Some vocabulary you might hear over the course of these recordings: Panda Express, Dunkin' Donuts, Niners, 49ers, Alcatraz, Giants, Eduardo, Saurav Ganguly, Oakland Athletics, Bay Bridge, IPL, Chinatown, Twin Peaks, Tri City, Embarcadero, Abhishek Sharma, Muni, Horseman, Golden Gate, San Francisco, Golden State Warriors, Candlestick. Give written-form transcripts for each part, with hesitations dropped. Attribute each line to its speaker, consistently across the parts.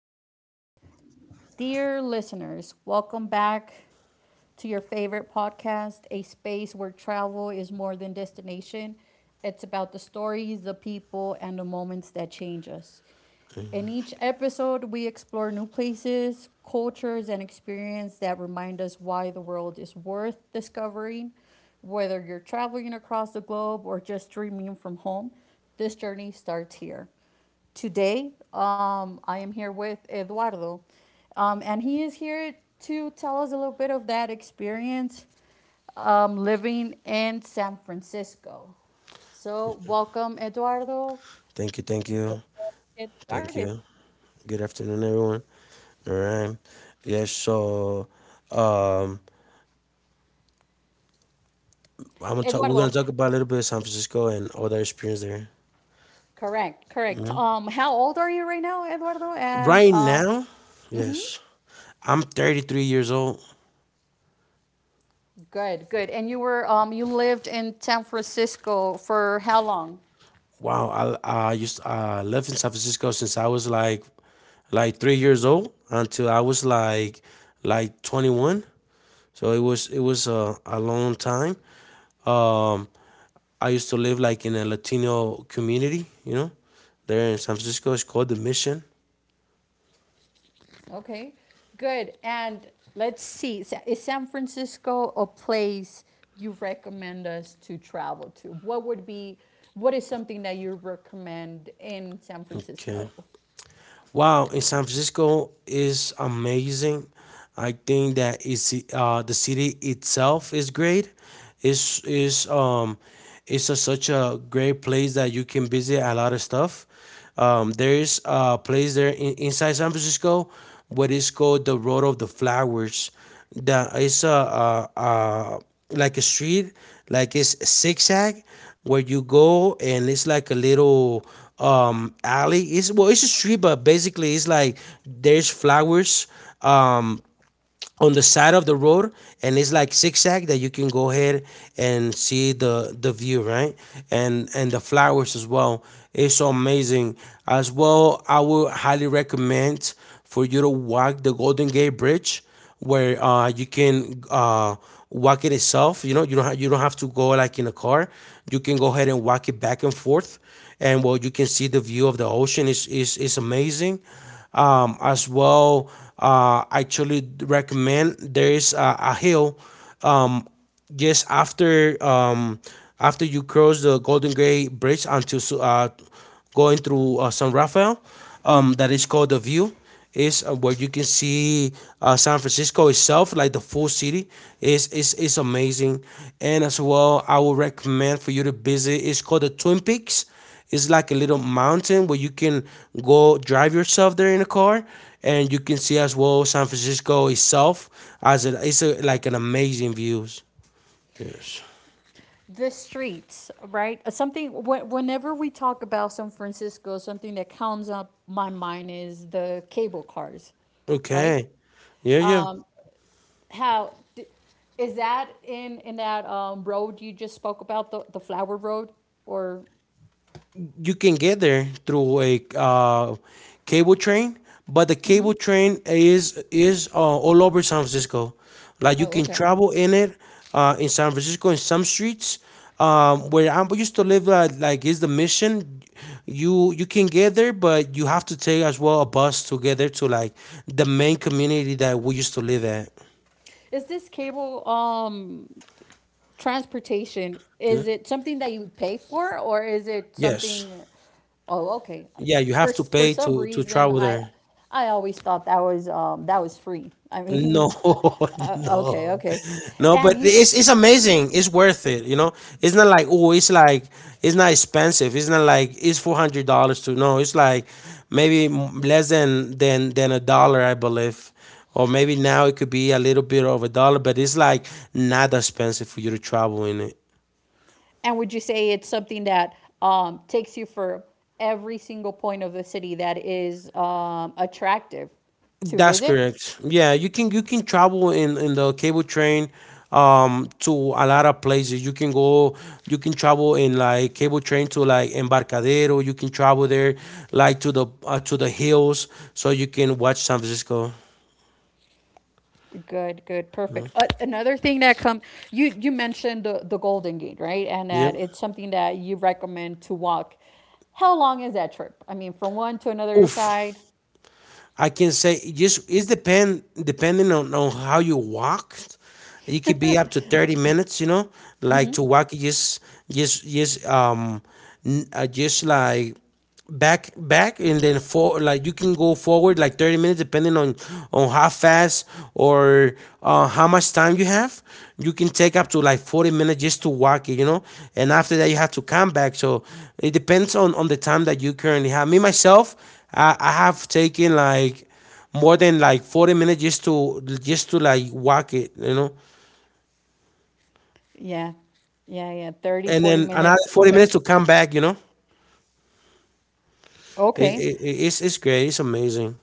Speaker 1: Okay.
Speaker 2: Dear listeners, welcome back to your favorite podcast, a space where travel is more than destination. It's about the stories, the people, and the moments that change us. In
Speaker 1: Mm.
Speaker 2: each episode, we explore new places, cultures, and experiences that remind us why the world is worth discovering. Whether you're traveling across the globe or just dreaming from home, this journey starts here. Today, I am here with Eduardo, and he is here to tell us a little bit of that experience living in San Francisco. So, welcome, Eduardo.
Speaker 1: Thank you. Thank
Speaker 2: Let's go.
Speaker 1: you. Thank you. Good afternoon, everyone. All right. Yeah. Um, I'm gonna talk. We're
Speaker 2: Eduardo,
Speaker 1: gonna talk about a little bit of San Francisco and all that experience there.
Speaker 2: correct. How old are you right now, Eduardo? And
Speaker 1: Right now, yes, I'm 33 years old.
Speaker 2: Good, good. And you were You lived in San Francisco for how long?
Speaker 1: Wow. I lived in San Francisco since I was like 3 years old until I was like 21. So it was a long time. Um, I used to live like in a Latino community, you know, there in San Francisco. It's called The Mission.
Speaker 2: Okay, good. And let's see, is San Francisco a place you recommend us to travel to? What is something that you recommend in San
Speaker 1: Okay.
Speaker 2: Francisco?
Speaker 1: Wow, in San Francisco is amazing. I think that it's the city itself is great. It's it's um it's such a great place that you can visit a lot of stuff. There is a place there inside San Francisco, what is called the Road of the Flowers. That is a like a street, like it's zigzag, where you go and it's like a little alley. It's well, it's a street, but basically it's like there's flowers. Um, on the side of the road, and it's like zigzag that you can go ahead and see the view, right, and the flowers as well. It's so amazing. As well, I would highly recommend for you to walk the Golden Gate Bridge, where you can walk it itself, you know. You don't have to go like in a car. You can go ahead and walk it back and forth, and well, you can see the view of the ocean. Is is amazing. As well, I actually recommend there is a hill um, just after after you cross the Golden Gate Bridge until going through San Rafael, that is called the View. Is where you can see San Francisco itself, like the full city. Is is amazing. And as well, I would recommend for you to visit. It's called the Twin Peaks. It's like a little mountain where you can go drive yourself there in a car, and you can see as well San Francisco itself as it's like an amazing views. Yes.
Speaker 2: The streets, right? Whenever we talk about San Francisco, something that comes up my mind is the cable cars, right?
Speaker 1: Okay. Yeah, yeah.
Speaker 2: Is that in that road you just spoke about, the Flower Road? Or,
Speaker 1: You can get there through a cable train, but the cable train is all over San Francisco. Like you
Speaker 2: oh,
Speaker 1: can
Speaker 2: okay.
Speaker 1: travel in it in San Francisco in some streets. Where I used to live, like is the mission. You can get there, but you have to take as well a bus to get there to like the main community that we used to live at.
Speaker 2: Is this cable transportation? Is it something that you pay for, or is it
Speaker 1: Yes,
Speaker 2: something? Oh, okay.
Speaker 1: yeah, you have to
Speaker 2: For
Speaker 1: pay
Speaker 2: some
Speaker 1: to
Speaker 2: reason,
Speaker 1: travel
Speaker 2: I
Speaker 1: there.
Speaker 2: I always thought that was free. I
Speaker 1: No,
Speaker 2: mean, okay,
Speaker 1: no,
Speaker 2: okay.
Speaker 1: no, but
Speaker 2: And you
Speaker 1: it's amazing. It's worth it, you know. It's not like oh, it's like it's not expensive. It's not like it's $400 to no. It's like maybe less than a dollar, I believe, or maybe now it could be a little bit of a dollar. But it's like not expensive for you to travel in it.
Speaker 2: and would you say it's something that takes you for every single point of the city that is attractive to
Speaker 1: That's
Speaker 2: visit?
Speaker 1: correct. Yeah, you can travel in the cable train to a lot of places. You can travel in like cable train to like Embarcadero. You can travel there like to the hills, so you can watch San Francisco.
Speaker 2: Good, good, perfect. Another thing that you mentioned the Golden Gate, right? And that
Speaker 1: Yep.
Speaker 2: it's something that you recommend to walk. How long is that trip? I mean, from one to another
Speaker 1: Oof.
Speaker 2: side?
Speaker 1: I can say it's depending on how you walked. It could be up to 30 minutes, you know, like to walk just just um just like back and then for like you can go forward like 30 minutes depending on how fast, or how much time you have. You can take up to like 40 minutes just to walk it, you know, and after that you have to come back. So it depends on the time that you currently have. I have taken like more than like 40 minutes just to like walk it, you know,
Speaker 2: Yeah. Yeah, yeah, 30,
Speaker 1: and
Speaker 2: 40
Speaker 1: then another
Speaker 2: minutes.
Speaker 1: 40
Speaker 2: Okay.
Speaker 1: minutes to come back, you know.
Speaker 2: Okay.
Speaker 1: It's great. It's amazing.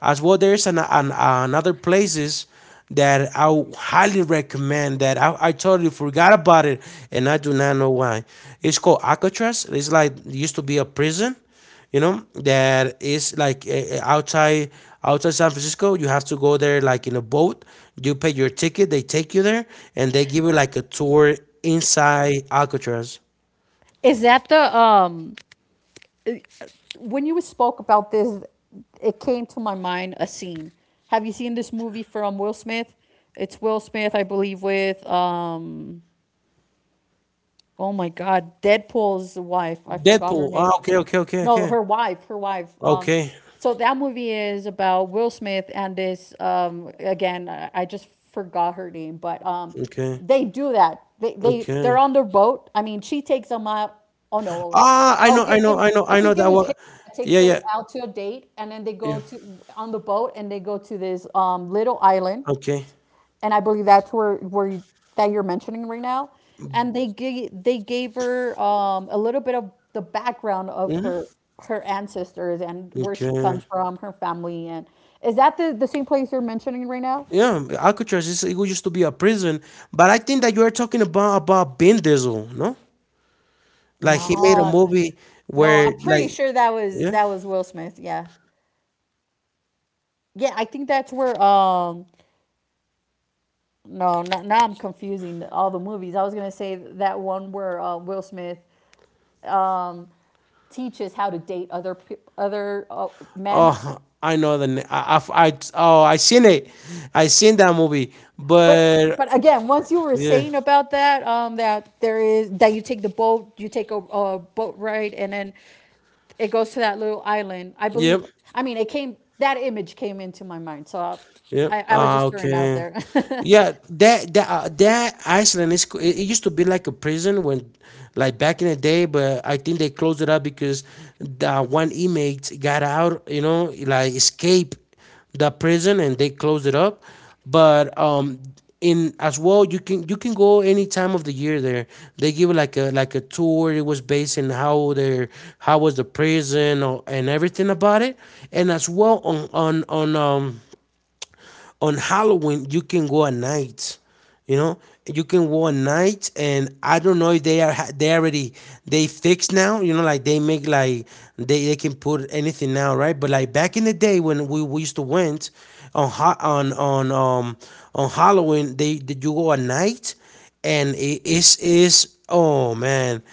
Speaker 1: As well, there's an another places that I, would highly recommend that I totally forgot about it and I do not know why. It's called Alcatraz. It's like it used to be a prison, you know, that is like outside San Francisco. You have to go there like in a boat. You pay your ticket. They take you there and they give you like a tour inside Alcatraz.
Speaker 2: Is that the When you spoke about this, it came to my mind a scene. Have you seen this movie from Will Smith? It's Will Smith, I believe, with, oh my God, Deadpool's wife. I forgot
Speaker 1: Deadpool.
Speaker 2: her
Speaker 1: Oh,
Speaker 2: name. No, her wife, her wife.
Speaker 1: okay,
Speaker 2: So that movie is about Will Smith and this, again, I just forgot her name, but
Speaker 1: okay.
Speaker 2: they do that. They're
Speaker 1: Okay.
Speaker 2: on their boat. I mean, she takes them out. Oh no.
Speaker 1: Ah,
Speaker 2: Oh, give give me. I
Speaker 1: I know
Speaker 2: think it
Speaker 1: that
Speaker 2: was
Speaker 1: one.
Speaker 2: him that takes
Speaker 1: Yeah,
Speaker 2: her
Speaker 1: yeah,
Speaker 2: out to a date and then they
Speaker 1: yeah.
Speaker 2: go to on the boat and they go to this little island,
Speaker 1: Okay.
Speaker 2: and I believe that's that you're mentioning right now. And they gave her a little bit of the background of
Speaker 1: Hmm.
Speaker 2: her ancestors and where she comes
Speaker 1: Okay.
Speaker 2: from, her family. And is that the same place you're mentioning right now?
Speaker 1: Yeah, Alcatraz is it used to be a prison, but I think that you are talking about Vin Diesel, no? Like he made a
Speaker 2: No,
Speaker 1: movie
Speaker 2: no,
Speaker 1: where
Speaker 2: I'm pretty
Speaker 1: like
Speaker 2: sure that was
Speaker 1: yeah.
Speaker 2: that was Will Smith. Yeah,
Speaker 1: Okay, is that Vin Diesel made a
Speaker 2: yeah, I
Speaker 1: movie
Speaker 2: think
Speaker 1: about
Speaker 2: that's
Speaker 1: it?
Speaker 2: where, no, now I'm confusing all the movies. I was gonna say that one where Will Smith, um, teaches how to date other men.
Speaker 1: Oh, I know the name. I oh I seen it. I seen that movie,
Speaker 2: But but
Speaker 1: but
Speaker 2: again, once you were
Speaker 1: yeah,
Speaker 2: saying about that, that there is that you take the boat, you take a boat ride, and then it goes to that little island, I
Speaker 1: yep.
Speaker 2: believe. I mean, it came that image came into my mind, so I
Speaker 1: Yeah.
Speaker 2: I, I was
Speaker 1: Ah,
Speaker 2: just throwing it out
Speaker 1: okay.
Speaker 2: there.
Speaker 1: Yeah, that that Iceland is. It used to be like a prison when, like back in the day, but I think they closed it up because the one inmate got out. You know, like escape the prison, and they closed it up. But in As well, you can go any time of the year there. They give like a tour. It was based in how was the prison or, and everything about it, and as well on Halloween you can go at night. You know, you can go at night, and I don't know if they are they already they fixed now. You know, like they make like they can put anything now, right? But like back in the day when we used to went on hot on Halloween, they did you go at night, and it is oh man,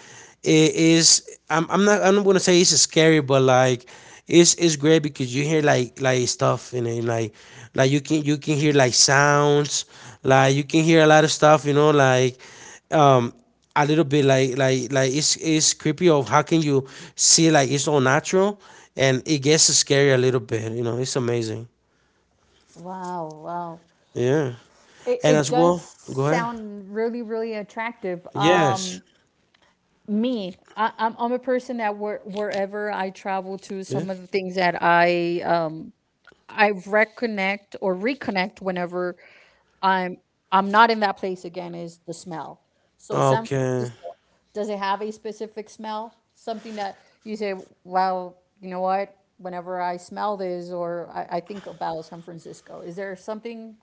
Speaker 1: it is. I'm not gonna say it's scary, but like it's great because you hear like stuff in it, like you can hear like sounds, like you can hear a lot of stuff, you know, like um a little bit like it's creepy of how can you see like it's all natural, and it gets scary a little bit, you know. It's amazing.
Speaker 2: Wow, wow.
Speaker 1: Yeah.
Speaker 2: It,
Speaker 1: And
Speaker 2: it
Speaker 1: as
Speaker 2: does
Speaker 1: well, go ahead.
Speaker 2: sound really, really attractive.
Speaker 1: Yes.
Speaker 2: Me, I'm a person that wherever I travel to,
Speaker 1: Yeah.
Speaker 2: some of the things that I reconnect or reconnect whenever i'm I'm not in that place again is the smell. So San
Speaker 1: Okay.
Speaker 2: Francisco, does it have a specific smell, something that you say, well, you know what, whenever I smell this or I think about San Francisco, is there something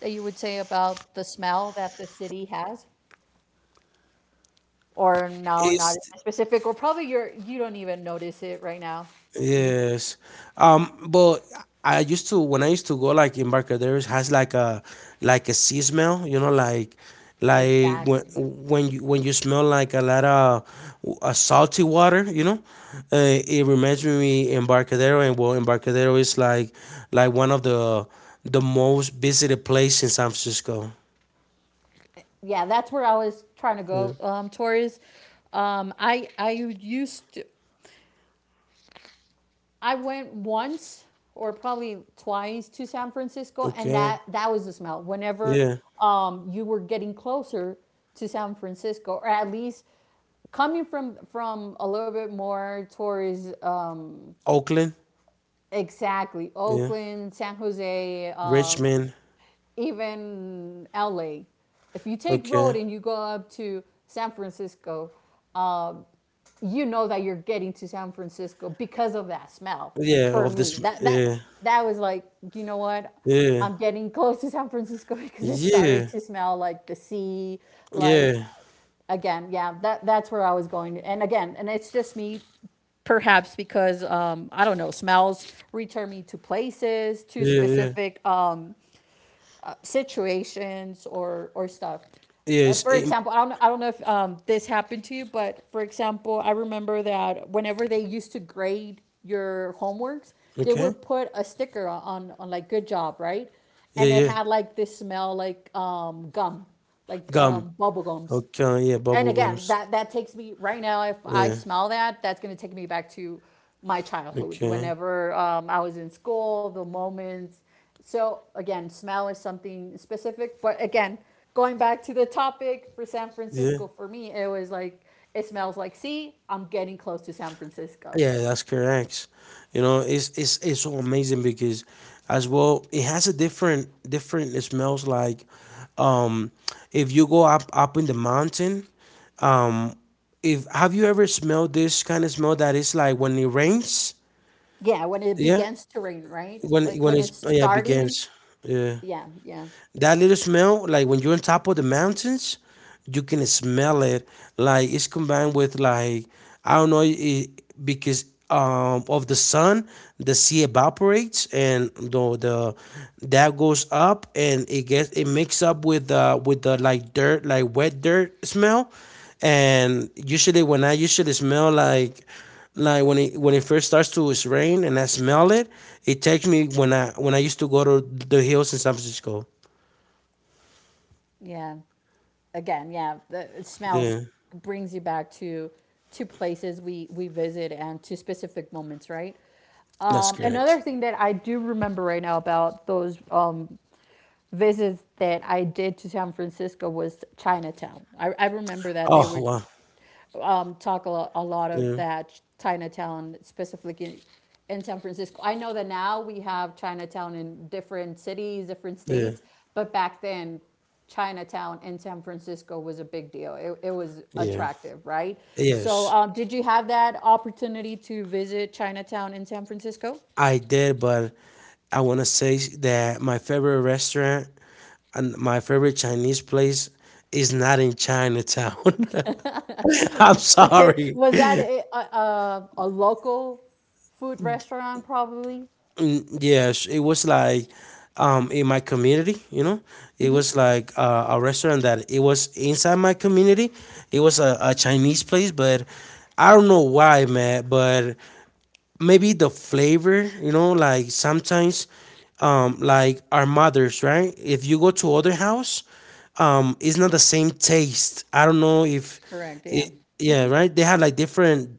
Speaker 2: that you would say about the smell that the city has? Or no, not in
Speaker 1: It's
Speaker 2: specific, or probably you don't even notice it right now, or you.
Speaker 1: yes. But I used to when I used to go like in Embarcadero has like a sea smell, you know, like when
Speaker 2: Exactly.
Speaker 1: you when you smell like a lot of salty water, you know. It reminds me Embarcadero, and well, Embarcadero is like one of the most visited place in San Francisco.
Speaker 2: Yeah, that's where I was trying to
Speaker 1: Yeah.
Speaker 2: go, Taurus. Um, I I used to, I went once or probably twice to San Francisco, and
Speaker 1: Okay.
Speaker 2: that was the smell. Whenever
Speaker 1: Yeah.
Speaker 2: you were getting closer to San Francisco, or at least coming from a little bit more towards,
Speaker 1: Oakland.
Speaker 2: exactly,
Speaker 1: Yeah.
Speaker 2: Oakland, San Jose,
Speaker 1: Richmond.
Speaker 2: Even LA. If you take
Speaker 1: Okay.
Speaker 2: road and you go up to San Francisco, you know that you're getting to San Francisco because of that smell.
Speaker 1: Yeah,
Speaker 2: For
Speaker 1: of
Speaker 2: me,
Speaker 1: this.
Speaker 2: that that
Speaker 1: Yeah,
Speaker 2: that was like, you know what?
Speaker 1: yeah,
Speaker 2: I'm getting close to San Francisco because it started
Speaker 1: yeah,
Speaker 2: to smell like the sea, like,
Speaker 1: yeah,
Speaker 2: again, yeah, that's where I was going. And again, and it's just me, perhaps because, I don't know, smells return me to places, to
Speaker 1: yeah, yeah.
Speaker 2: specific, situations or stuff.
Speaker 1: Yeah. it's
Speaker 2: For
Speaker 1: eight.
Speaker 2: example, I don't know if, this happened to you, but for example, I remember that whenever they used to grade your homeworks, they
Speaker 1: Okay.
Speaker 2: would put a sticker on like good job, right?
Speaker 1: Yeah,
Speaker 2: And it
Speaker 1: yeah.
Speaker 2: had like this smell like, gum, like,
Speaker 1: Gum.
Speaker 2: bubble gums.
Speaker 1: Okay. Yeah,
Speaker 2: And
Speaker 1: bubble
Speaker 2: again,
Speaker 1: gums.
Speaker 2: that takes me right now. If I
Speaker 1: Yeah.
Speaker 2: smell that, that's going to take me back to my childhood
Speaker 1: Okay.
Speaker 2: whenever, I was in school, the moments. So again, smell is something specific, but again, going back to the topic, for San
Speaker 1: Yeah.
Speaker 2: Francisco, for me it was like, it smells like sea, I'm getting close to San Francisco.
Speaker 1: Yeah, that's correct. You know, it's so amazing because, as well, it has a different. It smells like, um, if you go up in the mountain, um, if have you ever smelled this kind of smell that is like when it rains?
Speaker 2: Yeah, when it
Speaker 1: Yeah,
Speaker 2: begins to rain, right, like
Speaker 1: when
Speaker 2: when
Speaker 1: it
Speaker 2: it's
Speaker 1: yeah
Speaker 2: starting.
Speaker 1: begins, yeah,
Speaker 2: Yeah, yeah,
Speaker 1: that little smell, like when you're on top of the mountains, you can smell it. Like it's combined with like I don't know it, because of the sun, the sea evaporates, and the that goes up, and it gets it mixes up with the like dirt, like wet dirt smell. And usually when I usually smell like when it first starts to rain and I smell it, it takes me when I used to go to the hills in San Francisco.
Speaker 2: yeah. Again, yeah, the smells
Speaker 1: Yeah,
Speaker 2: brings you back to places we visit and to specific moments, right?
Speaker 1: that's
Speaker 2: Another
Speaker 1: correct.
Speaker 2: thing that I do remember right now about those, visits that I did to San Francisco was Chinatown. I remember that they
Speaker 1: Oh
Speaker 2: were
Speaker 1: wow.
Speaker 2: talk a lot of
Speaker 1: Yeah,
Speaker 2: that Chinatown specifically in San Francisco. I know that now we have Chinatown in different cities, different
Speaker 1: yeah,
Speaker 2: states, but back then Chinatown in San Francisco was a big deal. It was
Speaker 1: yeah.
Speaker 2: attractive, right? So,
Speaker 1: Yes,
Speaker 2: did you have that opportunity to visit Chinatown in San Francisco?
Speaker 1: I did, but I want to say that my favorite restaurant and my favorite Chinese place is not in Chinatown. I'm
Speaker 2: Okay,
Speaker 1: sorry.
Speaker 2: was that a local food restaurant probably?
Speaker 1: Yes, it was like in my community, you know. It was like a restaurant that it was inside my community. It was a Chinese place, but I don't know why, man, but maybe the flavor, you know, like sometimes, like our mothers, right? If you go to other house, it's not the same taste. I don't know if
Speaker 2: Correct, yeah.
Speaker 1: it, yeah, right, they had like different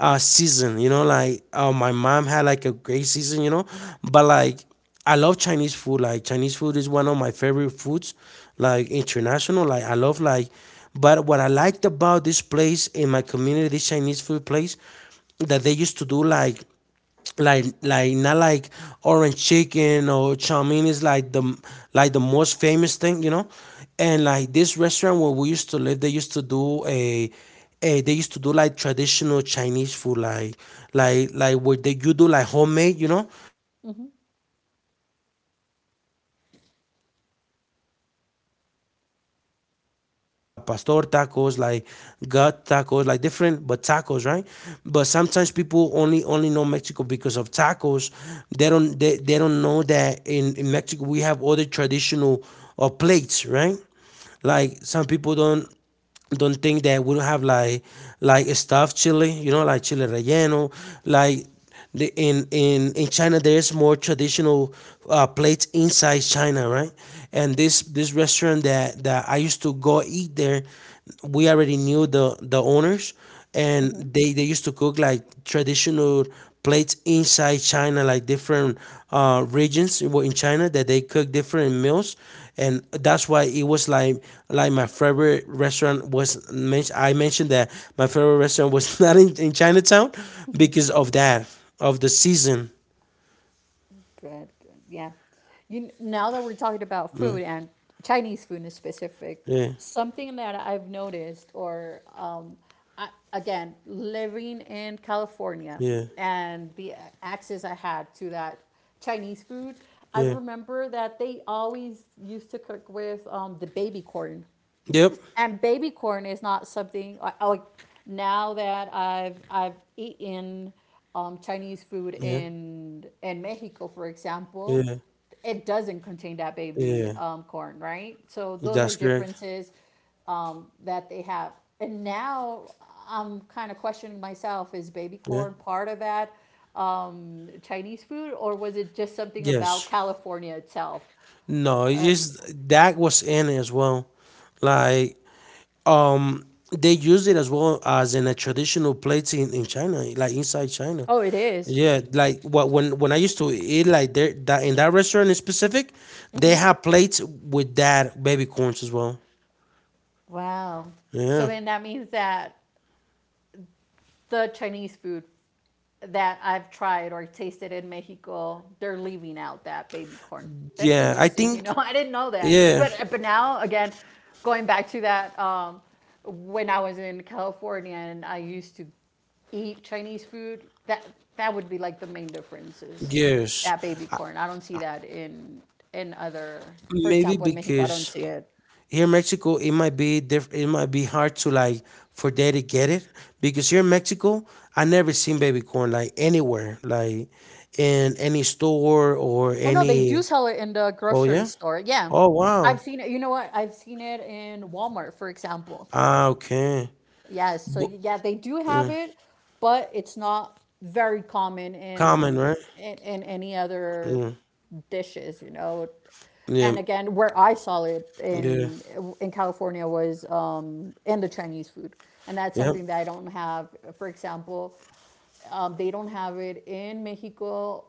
Speaker 1: season, you know, like my mom had like a great season, you know, but like I love Chinese food. Like Chinese food is one of my favorite foods, like international, like I love, like, but what I liked about this place in my community, this Chinese food place, that they used to do like not like orange chicken or chow mein is like the, like the most famous thing, you know. And like this restaurant where we used to live, they used to do a they used to do like traditional Chinese food, like where they you do like homemade, you know, like like Mexico, they the only thing that more famous here in Mexico is tacos, right? Like tacos al pastor, tacos, like gut tacos, like different, but tacos, right? But sometimes people only know Mexico because of tacos. They don't, they don't know that in Mexico we have other traditional plates, right? Like some people don't think that we don't have like stuffed chili, you know, like chili relleno. Like the, in China, there's more traditional plates inside China, right? And this restaurant that I used to go eat there, we already knew the owners, and they used to cook like traditional plates inside China, like different regions in China that they cook different meals, and that's why it was like my favorite restaurant was. Mentioned. I mentioned that my favorite restaurant was not in Chinatown because of that, of the season.
Speaker 2: Good, good. Yeah. You now that we're talking about
Speaker 1: Mm.
Speaker 2: food and Chinese food in specific,
Speaker 1: Yeah,
Speaker 2: something that I've noticed, or, I, again, living in California,
Speaker 1: yeah,
Speaker 2: and the access I had to that Chinese food, I
Speaker 1: yeah.
Speaker 2: remember that they always used to cook with the baby corn.
Speaker 1: Yep.
Speaker 2: And baby corn is not something I, like, now that I've eaten, Chinese food
Speaker 1: Yeah.
Speaker 2: in Mexico, for example,
Speaker 1: Yeah.
Speaker 2: it doesn't contain that baby,
Speaker 1: Yeah.
Speaker 2: corn, right? So those are
Speaker 1: That's correct.
Speaker 2: differences, that they have. And now I'm kind of questioning myself: is baby
Speaker 1: Yeah.
Speaker 2: corn part of that, Chinese food, or was it just something about
Speaker 1: Yes.
Speaker 2: California itself?
Speaker 1: No, it's just that was in it as well. Like, um they use it as well as in a traditional plates in China, like inside China.
Speaker 2: Oh, it is.
Speaker 1: Yeah, like what, when when I used to eat like there, that in that restaurant in specific, they have plates with that baby corns as well.
Speaker 2: Wow. So
Speaker 1: Yeah.
Speaker 2: then that means that the Chinese food that I've tried or tasted in Mexico, they're leaving out that baby corn. That's
Speaker 1: Yeah, I
Speaker 2: interesting. You know,
Speaker 1: think.
Speaker 2: I didn't know that.
Speaker 1: Yeah.
Speaker 2: But now again, going back to that, when I was in California and I used to eat Chinese food, that would be like the main difference is
Speaker 1: Yes.
Speaker 2: that baby corn. I don't see that in other, for
Speaker 1: Maybe
Speaker 2: example, in Mexico, I don't
Speaker 1: because
Speaker 2: see it.
Speaker 1: here in Mexico it might be diff- it might be hard to like for they to get it, because here in Mexico I never seen baby corn like anywhere, like in any store or
Speaker 2: Oh no, they do
Speaker 1: any.
Speaker 2: sell it in the
Speaker 1: Oh
Speaker 2: grocery
Speaker 1: yeah.
Speaker 2: store. Yeah.
Speaker 1: Oh
Speaker 2: I've
Speaker 1: wow.
Speaker 2: seen it. You know what? I've seen it in Walmart, for example.
Speaker 1: Ah, okay.
Speaker 2: Yes. So
Speaker 1: But,
Speaker 2: yeah, they do have it, but it's not very common
Speaker 1: common,
Speaker 2: in
Speaker 1: right?
Speaker 2: in, in any other
Speaker 1: Mm.
Speaker 2: dishes, you know. And
Speaker 1: Yeah.
Speaker 2: again, where I saw it
Speaker 1: Yeah.
Speaker 2: in California was, in the Chinese food, and that's
Speaker 1: Yep.
Speaker 2: something that I don't have. For example, they don't have it in Mexico.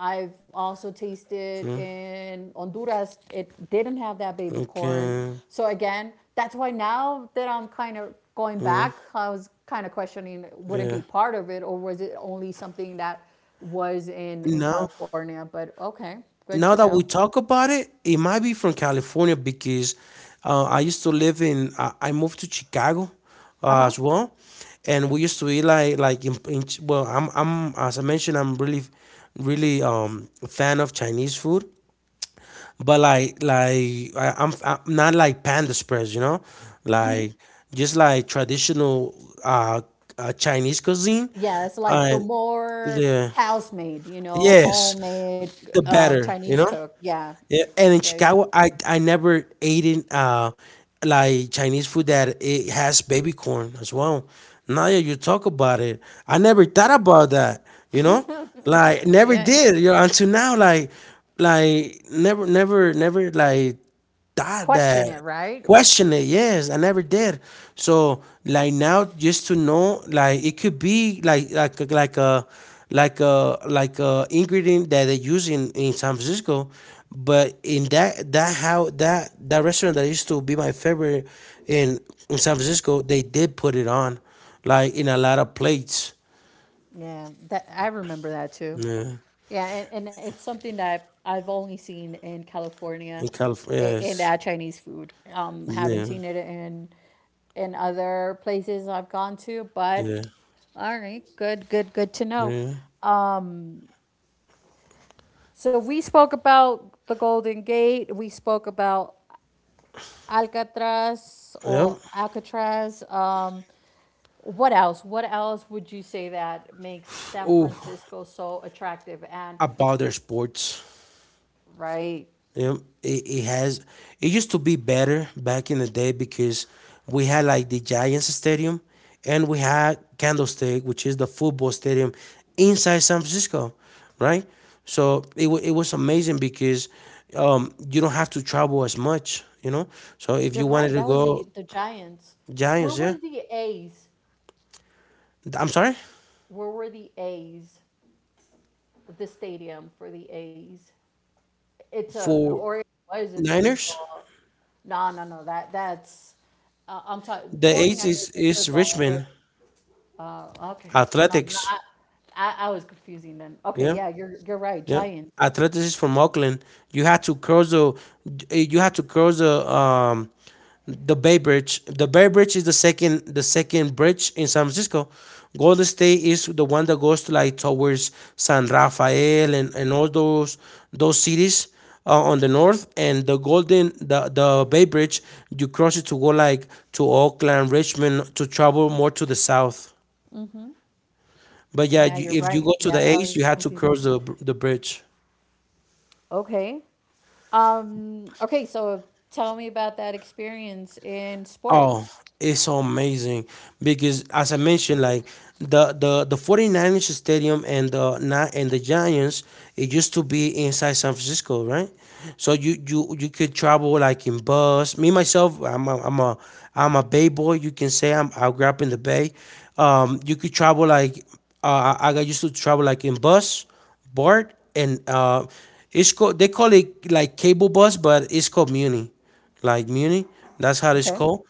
Speaker 2: I've also tasted
Speaker 1: Mm.
Speaker 2: in Honduras. It didn't have that baby corn.
Speaker 1: Okay.
Speaker 2: So again, that's why now that I'm kind of going
Speaker 1: Yeah.
Speaker 2: back, I was kind of questioning would it
Speaker 1: Yeah.
Speaker 2: be part of it or was it only something that was in
Speaker 1: No.
Speaker 2: California? But okay, good to
Speaker 1: Now that
Speaker 2: know.
Speaker 1: we talk about it, it might be from California because, I used to live in. I moved to Chicago,
Speaker 2: Uh huh.
Speaker 1: as well, and we used to eat like in Ch- well, I'm as I mentioned, I'm really a fan of Chinese food, but like I, I'm not like Panda Express, you know, like just like traditional, uh, Chinese cuisine,
Speaker 2: Yeah, it's like the
Speaker 1: and
Speaker 2: more
Speaker 1: the,
Speaker 2: house made, you know,
Speaker 1: yes,
Speaker 2: homemade,
Speaker 1: the better, you
Speaker 2: Chinese
Speaker 1: know.
Speaker 2: cook. Yeah,
Speaker 1: Yeah, and in
Speaker 2: yeah, yeah,
Speaker 1: Chicago, I never ate in like Chinese food that it has baby corn as well. Now that you talk about it, I never thought about that. You know, like never
Speaker 2: yeah.
Speaker 1: did. You know, until now, like never like that
Speaker 2: Question it,
Speaker 1: that
Speaker 2: right?
Speaker 1: question it, yes I never did. So like now just to know like it could be like like a ingredient that they use in San Francisco, but in that how that restaurant that used to be my favorite in in San Francisco, they did put it on like in a lot of plates.
Speaker 2: Yeah, that I remember that too.
Speaker 1: Yeah.
Speaker 2: Yeah, and it's something that I've only seen in California,
Speaker 1: In California,
Speaker 2: in
Speaker 1: yes.
Speaker 2: that Chinese food. Haven't
Speaker 1: Yeah.
Speaker 2: seen it in other places I've gone to, but
Speaker 1: Yeah.
Speaker 2: all right, good, good, good to know.
Speaker 1: Yeah,
Speaker 2: So we spoke about the Golden Gate. We spoke about Alcatraz
Speaker 1: yeah.
Speaker 2: or Alcatraz. What else? What else would you say that makes San
Speaker 1: Oh,
Speaker 2: Francisco so attractive? And
Speaker 1: about their sports.
Speaker 2: right,
Speaker 1: You know, it has. It used to be better back in the day because we had like the Giants Stadium, and we had Candlestick, which is the football stadium inside San Francisco, right? So it wa it was amazing because, you don't have to travel as much, you know. So if
Speaker 2: you're
Speaker 1: you
Speaker 2: right.
Speaker 1: wanted
Speaker 2: That
Speaker 1: to
Speaker 2: was the
Speaker 1: go
Speaker 2: the Giants. Where
Speaker 1: Giants,
Speaker 2: were
Speaker 1: yeah,
Speaker 2: the A's?
Speaker 1: I'm sorry
Speaker 2: Where were the A's? The stadium for the A's. It's a,
Speaker 1: for
Speaker 2: or it was a
Speaker 1: Niners.
Speaker 2: baseball. No, no, no. That that's I'm talking
Speaker 1: The
Speaker 2: 49ers
Speaker 1: eight
Speaker 2: is
Speaker 1: is
Speaker 2: football. It,
Speaker 1: Richmond,
Speaker 2: okay. So no, no,
Speaker 1: Athletics,
Speaker 2: I was confusing then. Okay,
Speaker 1: yeah.
Speaker 2: yeah, you're right.
Speaker 1: Yeah,
Speaker 2: Giants.
Speaker 1: Atletas is from Oakland. You had to cross the, you had to cross the, the Bay Bridge. The Bay Bridge is the second bridge in San Francisco. Golden State is the one that goes to like towards San Rafael and all those cities, on the north. And the Golden, the Bay Bridge, you cross it to go like to Oakland, Richmond, to travel more to the south. But yeah,
Speaker 2: Yeah,
Speaker 1: you,
Speaker 2: you're
Speaker 1: if you
Speaker 2: right.
Speaker 1: go to
Speaker 2: Yeah,
Speaker 1: the
Speaker 2: I
Speaker 1: east, you
Speaker 2: was
Speaker 1: had to
Speaker 2: confused.
Speaker 1: cross the bridge.
Speaker 2: Okay. Okay, so tell me about that experience in
Speaker 1: Oh,
Speaker 2: sports.
Speaker 1: it's so amazing because as I mentioned, like the 49ers stadium and the Na- and the Giants, it used to be inside San Francisco, right? So you could travel like in bus. Me myself, I'm a Bay boy. You can say I'm I grew up in the Bay. You could travel like, I got used to travel like in bus, board, and, it's called they call it like cable bus, but it's called Muni, like Muni. That's how it's
Speaker 2: Okay.
Speaker 1: called.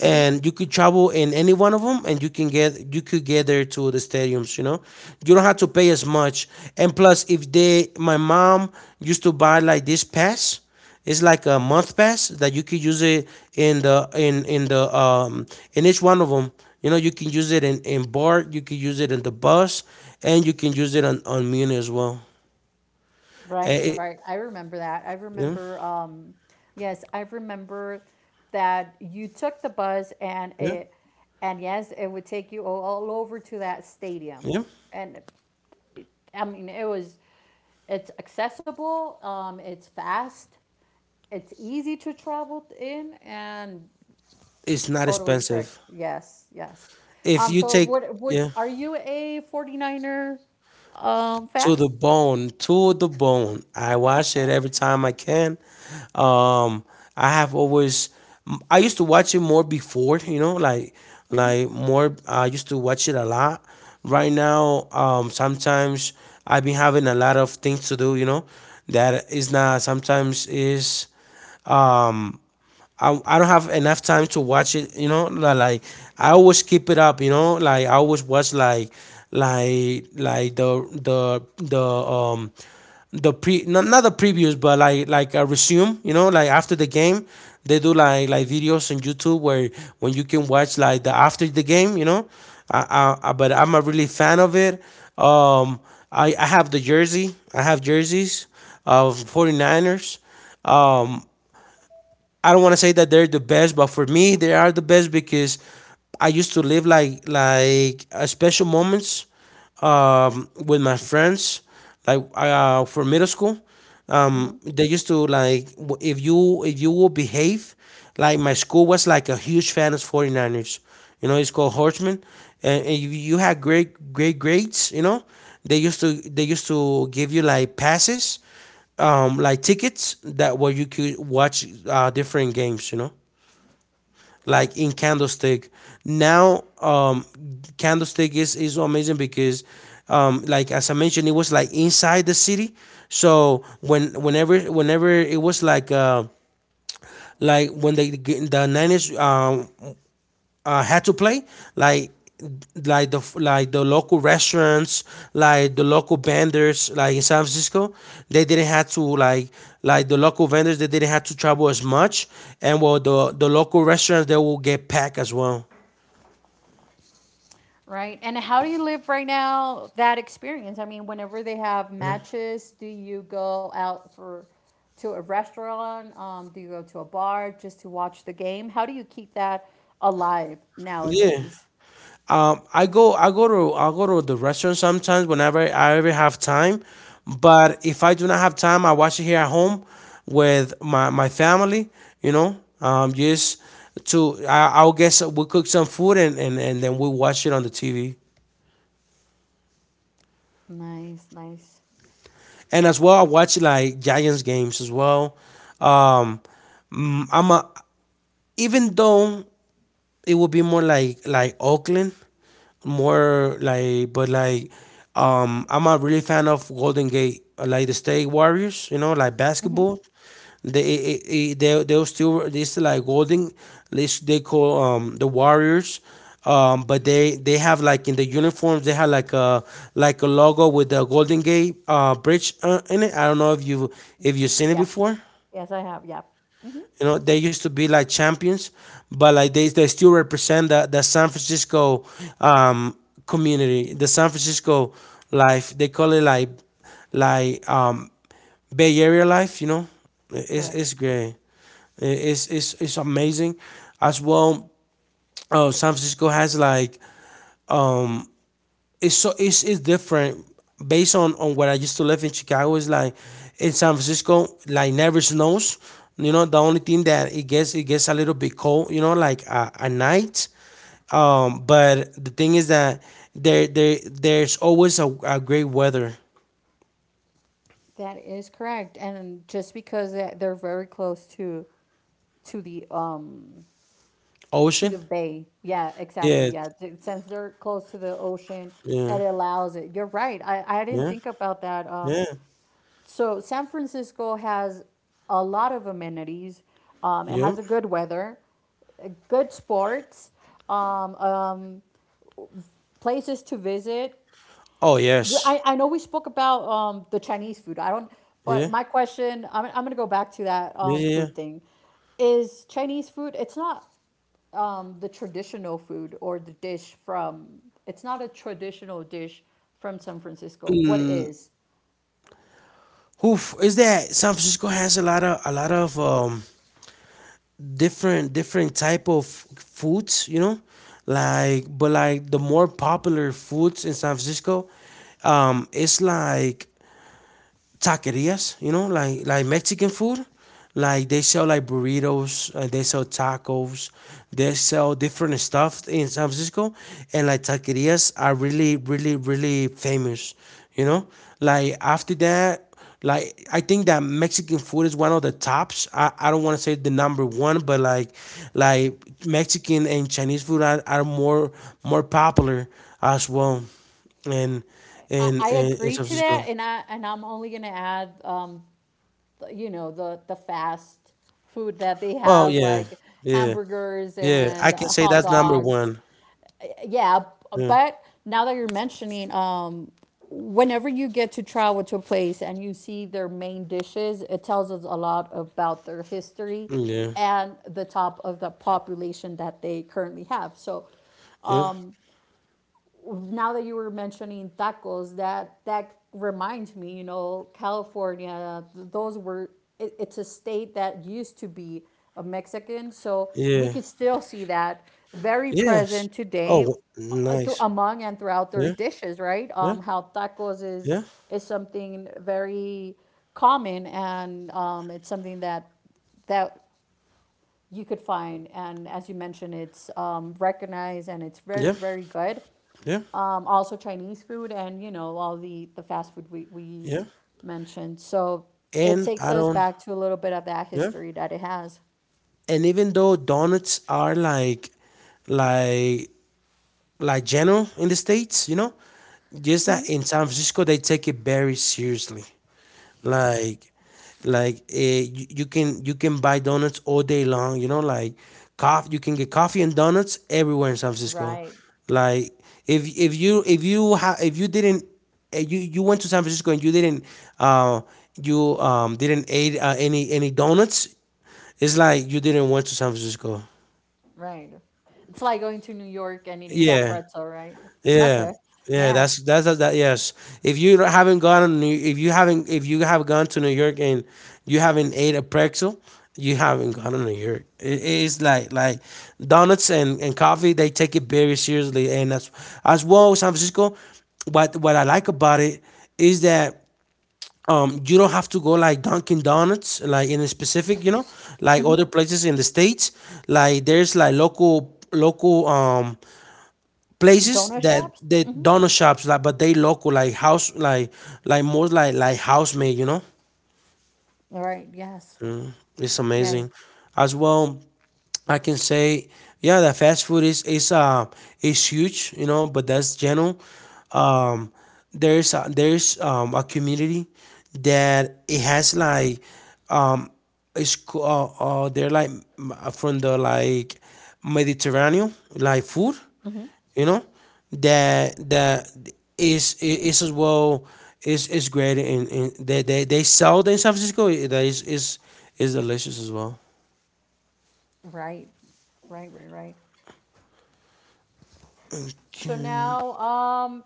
Speaker 1: And you could travel in any one of them, and you can get you could get there to the stadiums. You know, you don't have to pay as much. And plus, if they, my mom used to buy like this pass. It's like a month pass that you could use it in the in the, in each one of them. You know, you can use it in bar, you can use it in the bus, and you can use it on Muni as well. Eh,
Speaker 2: Right,
Speaker 1: it-
Speaker 2: right. I remember that. I
Speaker 1: yeah,
Speaker 2: remember, um, yes, I remember that you took the bus and
Speaker 1: yeah,
Speaker 2: it, and yes, it would take you all over to that stadium.
Speaker 1: yeah.
Speaker 2: And I mean, it's accessible, it's fast, it's easy to travel in, and
Speaker 1: It's not
Speaker 2: totally correct.
Speaker 1: expensive.
Speaker 2: Yes, yes.
Speaker 1: If
Speaker 2: Um,
Speaker 1: you
Speaker 2: so
Speaker 1: take
Speaker 2: what what
Speaker 1: yeah
Speaker 2: are you a 49er fan?
Speaker 1: to the bone, to the bone. I watch it every time I can. Um, I have always. I used to watch it more before, you know, like more. I used to watch it a lot. Right now, sometimes I've been having a lot of things to do, you know, that is not sometimes is, um I don't have enough time to watch it, you know, li- like I always keep it up, you know, like I always watch like the the pre not, not the previews, but like a resume, you know, like after the game they do like videos on YouTube where when you can watch like the after the game, you know. I but I'm a really fan of it. um I have the jersey, I have jerseys of 49ers. Um, I don't want to say that they're the best, but for me, they are the best because I used to live like, special moments, with my friends. Like, for middle school,
Speaker 2: Hmm.
Speaker 1: they used to like w- if you will behave, like my school was like a huge fan of 49ers. You know, it's called Horseman, and you had great grades. You know, they used to give you like passes, like tickets that where you could watch, different games. You know, like in Candlestick. Now, Candlestick is amazing because, like as I mentioned, it was like inside the city. So when whenever it was like, like when they the Niners, had to play, like like the local restaurants, like the local vendors, like in San Francisco, they didn't have to like the local vendors they didn't have to travel as much, and well the local restaurants they will get packed as well.
Speaker 2: Right. And how do you live right now that experience? I mean, whenever they have matches, do you go out for to a restaurant? Do you go to a bar just to watch the game? How do you keep that alive
Speaker 1: Yeah.
Speaker 2: nowadays?
Speaker 1: I go to the restaurant sometimes whenever I ever have time. But if I do not have time, I watch it here at home with my my family. You know, just to I, I'll get some, we cook some food and then we watch it on the TV.
Speaker 2: Nice, nice.
Speaker 1: And as well, I watch like Giants games as well. Um, I'm a even though it would be more like Oakland, more like but like, I'm a really fan of Golden Gate, like the State Warriors, you know, like basketball. They it, it, they still like Golden, they call the Warriors. But they have like in the uniforms they have like a logo with the Golden Gate, bridge, in it. I don't know if you if you've seen it
Speaker 2: Yes.
Speaker 1: before.
Speaker 2: Yes, I have. Yeah.
Speaker 1: You know, they used to be like champions, but like they still represent the San Francisco, um, community, the San Francisco life. They call it like, Bay Area life. You know,
Speaker 2: Correct.
Speaker 1: it's great. It's amazing. As well, San Francisco has like, um, it's so it's different based on where I used to live in Chicago. It's like in San Francisco, like never snows. You know, the only thing that it gets a little bit cold. You know, like, at night. But the thing is that there's always a great weather
Speaker 2: That is correct. And just because they're very close to to the um to
Speaker 1: ocean.
Speaker 2: the bay. Yeah, exactly.
Speaker 1: Yeah,
Speaker 2: Yeah, since they're close to the ocean,
Speaker 1: yeah,
Speaker 2: it allows it. You're right. I didn't
Speaker 1: yeah,
Speaker 2: think about that. Um,
Speaker 1: yeah,
Speaker 2: so San Francisco has a lot of amenities. It
Speaker 1: yeah.
Speaker 2: has a good weather, good sports, um, um, places to visit.
Speaker 1: Oh
Speaker 2: We-
Speaker 1: yes,
Speaker 2: I, I know we spoke about the Chinese food. I don't, but
Speaker 1: yeah,
Speaker 2: my question, I'm gonna go back to that
Speaker 1: yeah, yeah. Yeah.
Speaker 2: food thing. Is Chinese food, it's not the traditional food or the dish from, It's not a traditional dish from San Francisco. What is?
Speaker 1: Oof, is that San Francisco has a lot of a lot of, different type of foods, you know, like but like the more popular foods in San Francisco, it's like taquerias, you know, like Mexican food. Like they sell like burritos, they sell tacos, they sell different stuff in San Francisco, and like taquerias are really famous. You know, like after that, like I think that Mexican food is one of the tops. I don't want to say the number one, but like Mexican and Chinese food are more more popular as well in
Speaker 2: I,
Speaker 1: in
Speaker 2: I
Speaker 1: in, in
Speaker 2: agree
Speaker 1: San
Speaker 2: to
Speaker 1: Francisco.
Speaker 2: that, and I'm only gonna add, you know, the fast food that they
Speaker 1: Oh,
Speaker 2: have,
Speaker 1: yeah.
Speaker 2: like
Speaker 1: Yeah.
Speaker 2: hamburgers
Speaker 1: Yeah. I
Speaker 2: and
Speaker 1: can say
Speaker 2: hot
Speaker 1: that's number
Speaker 2: dogs,
Speaker 1: one.
Speaker 2: yeah,
Speaker 1: Yeah.
Speaker 2: but now that you're mentioning, whenever you get to travel to a place and you see their main dishes, it tells us a lot about their history
Speaker 1: Yeah.
Speaker 2: and the top of the population that they currently have. So
Speaker 1: Yeah.
Speaker 2: now that you were mentioning tacos, that reminds me, you know, California, those were it's a state that used to be a Mexican, so we
Speaker 1: Yeah.
Speaker 2: could still see that very
Speaker 1: Yes.
Speaker 2: present today
Speaker 1: Oh, nice.
Speaker 2: among and throughout their
Speaker 1: Yeah.
Speaker 2: dishes, right?
Speaker 1: Yeah.
Speaker 2: How tacos
Speaker 1: Yeah.
Speaker 2: is something very common and it's something that you could find, and as you mentioned, it's recognized and it's very
Speaker 1: Yeah.
Speaker 2: very good.
Speaker 1: Yeah.
Speaker 2: Um, also Chinese food, and you know all the fast food we
Speaker 1: Yeah.
Speaker 2: mentioned. So it
Speaker 1: And
Speaker 2: takes
Speaker 1: I
Speaker 2: us
Speaker 1: don't,
Speaker 2: back to a little bit of that
Speaker 1: yeah.
Speaker 2: history that it has.
Speaker 1: And even though donuts are like like general in the states, you know, just that in San Francisco they take it very seriously. like like, you, you can buy donuts all day long, you know, like coffee, you can get coffee and donuts everywhere in San Francisco.
Speaker 2: Right,
Speaker 1: Like if if you ha- if you didn't, you you went to San Francisco and you didn't, uh you didn't eat, any donuts, it's like you didn't went to San Francisco.
Speaker 2: right. It's like going to New York and eating that
Speaker 1: Yeah.
Speaker 2: pretzel, right?
Speaker 1: Yeah,
Speaker 2: Okay.
Speaker 1: yeah,
Speaker 2: Yeah.
Speaker 1: that's that, yes. If you don't- haven't gone on New, if you haven't if you have gone to New York and you haven't ate a pretzel, you haven't gone to New York. It, it's like donuts and coffee. They take it very seriously, and as well San Francisco. What I like about it is that, you don't have to go like Dunkin' Donuts like in a specific, you know, like other places in the states. Like there's like local local, places
Speaker 2: Donut
Speaker 1: that
Speaker 2: shops?
Speaker 1: they donut shops like but they local like house like more like house made, you know,
Speaker 2: All right. Yes.
Speaker 1: it's
Speaker 2: Yeah.
Speaker 1: amazing as well I can say. Yeah, the fast food is, is huge, you know, but that's general. um there's a, there's, a community that it has like, um it's co- they're like m- from the like Mediterranean like food,
Speaker 2: Yeah. Hmm.
Speaker 1: you know, that that is as well is great, and they, they sell them in San Francisco that is delicious as well.
Speaker 2: Right, right, right, right. So
Speaker 1: Mm.
Speaker 2: now, um,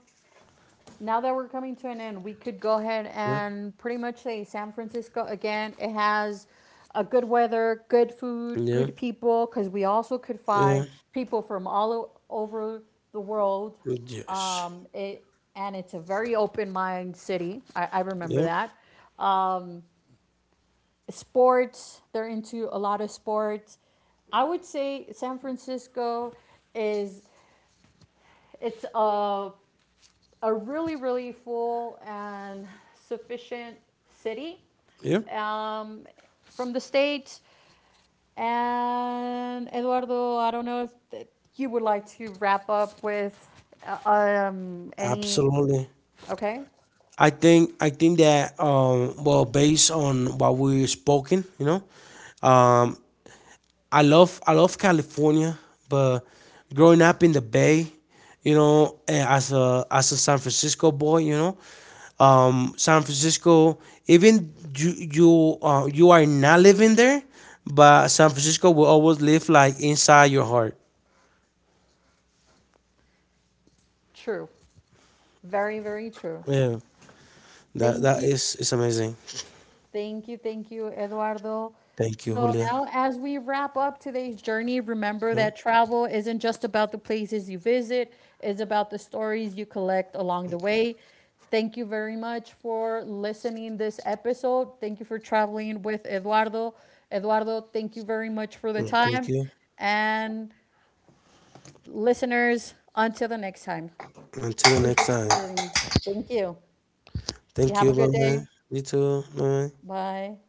Speaker 2: Now that we're coming to an end, we could go ahead
Speaker 1: Yeah,
Speaker 2: and pretty much say San Francisco again. It has a good weather, good food,
Speaker 1: yeah,
Speaker 2: good people, because we also could find
Speaker 1: yeah.
Speaker 2: people from all over the world.
Speaker 1: Yes.
Speaker 2: It and it's a very open minded city. I remember
Speaker 1: Yeah,
Speaker 2: that. Sports, they're into a lot of sports. I would say San Francisco is it's a really, really full and sufficient city,
Speaker 1: yeah.
Speaker 2: um, from the States. And Eduardo, I don't know if you would like to wrap up with any.
Speaker 1: Absolutely.
Speaker 2: Okay,
Speaker 1: I think that, well based on what we've spoken, you know, um I love California, but growing up in the Bay, you know, eh, as a San Francisco boy, you know, San Francisco. Even you, you are not living there, but San Francisco will always live like inside your heart.
Speaker 2: true. Very, very true.
Speaker 1: Yeah, that
Speaker 2: Thank
Speaker 1: that
Speaker 2: you.
Speaker 1: is amazing.
Speaker 2: Thank you, Eduardo.
Speaker 1: Thank you,
Speaker 2: So
Speaker 1: Julia.
Speaker 2: now, as we wrap up today's journey, remember
Speaker 1: Mm,
Speaker 2: that travel isn't just about the places you visit, it's about the stories you collect along the way. Thank you very much for listening this episode. Thank you for traveling with Eduardo. Eduardo, thank you very much for the
Speaker 1: mm,
Speaker 2: time.
Speaker 1: thank you.
Speaker 2: And listeners, until the next time,
Speaker 1: Until
Speaker 2: keep
Speaker 1: next time.
Speaker 2: exploring. Thank you. You
Speaker 1: Thank
Speaker 2: have a
Speaker 1: you. Bye
Speaker 2: good
Speaker 1: bye.
Speaker 2: day.
Speaker 1: You too. Bye bye.
Speaker 2: Bye.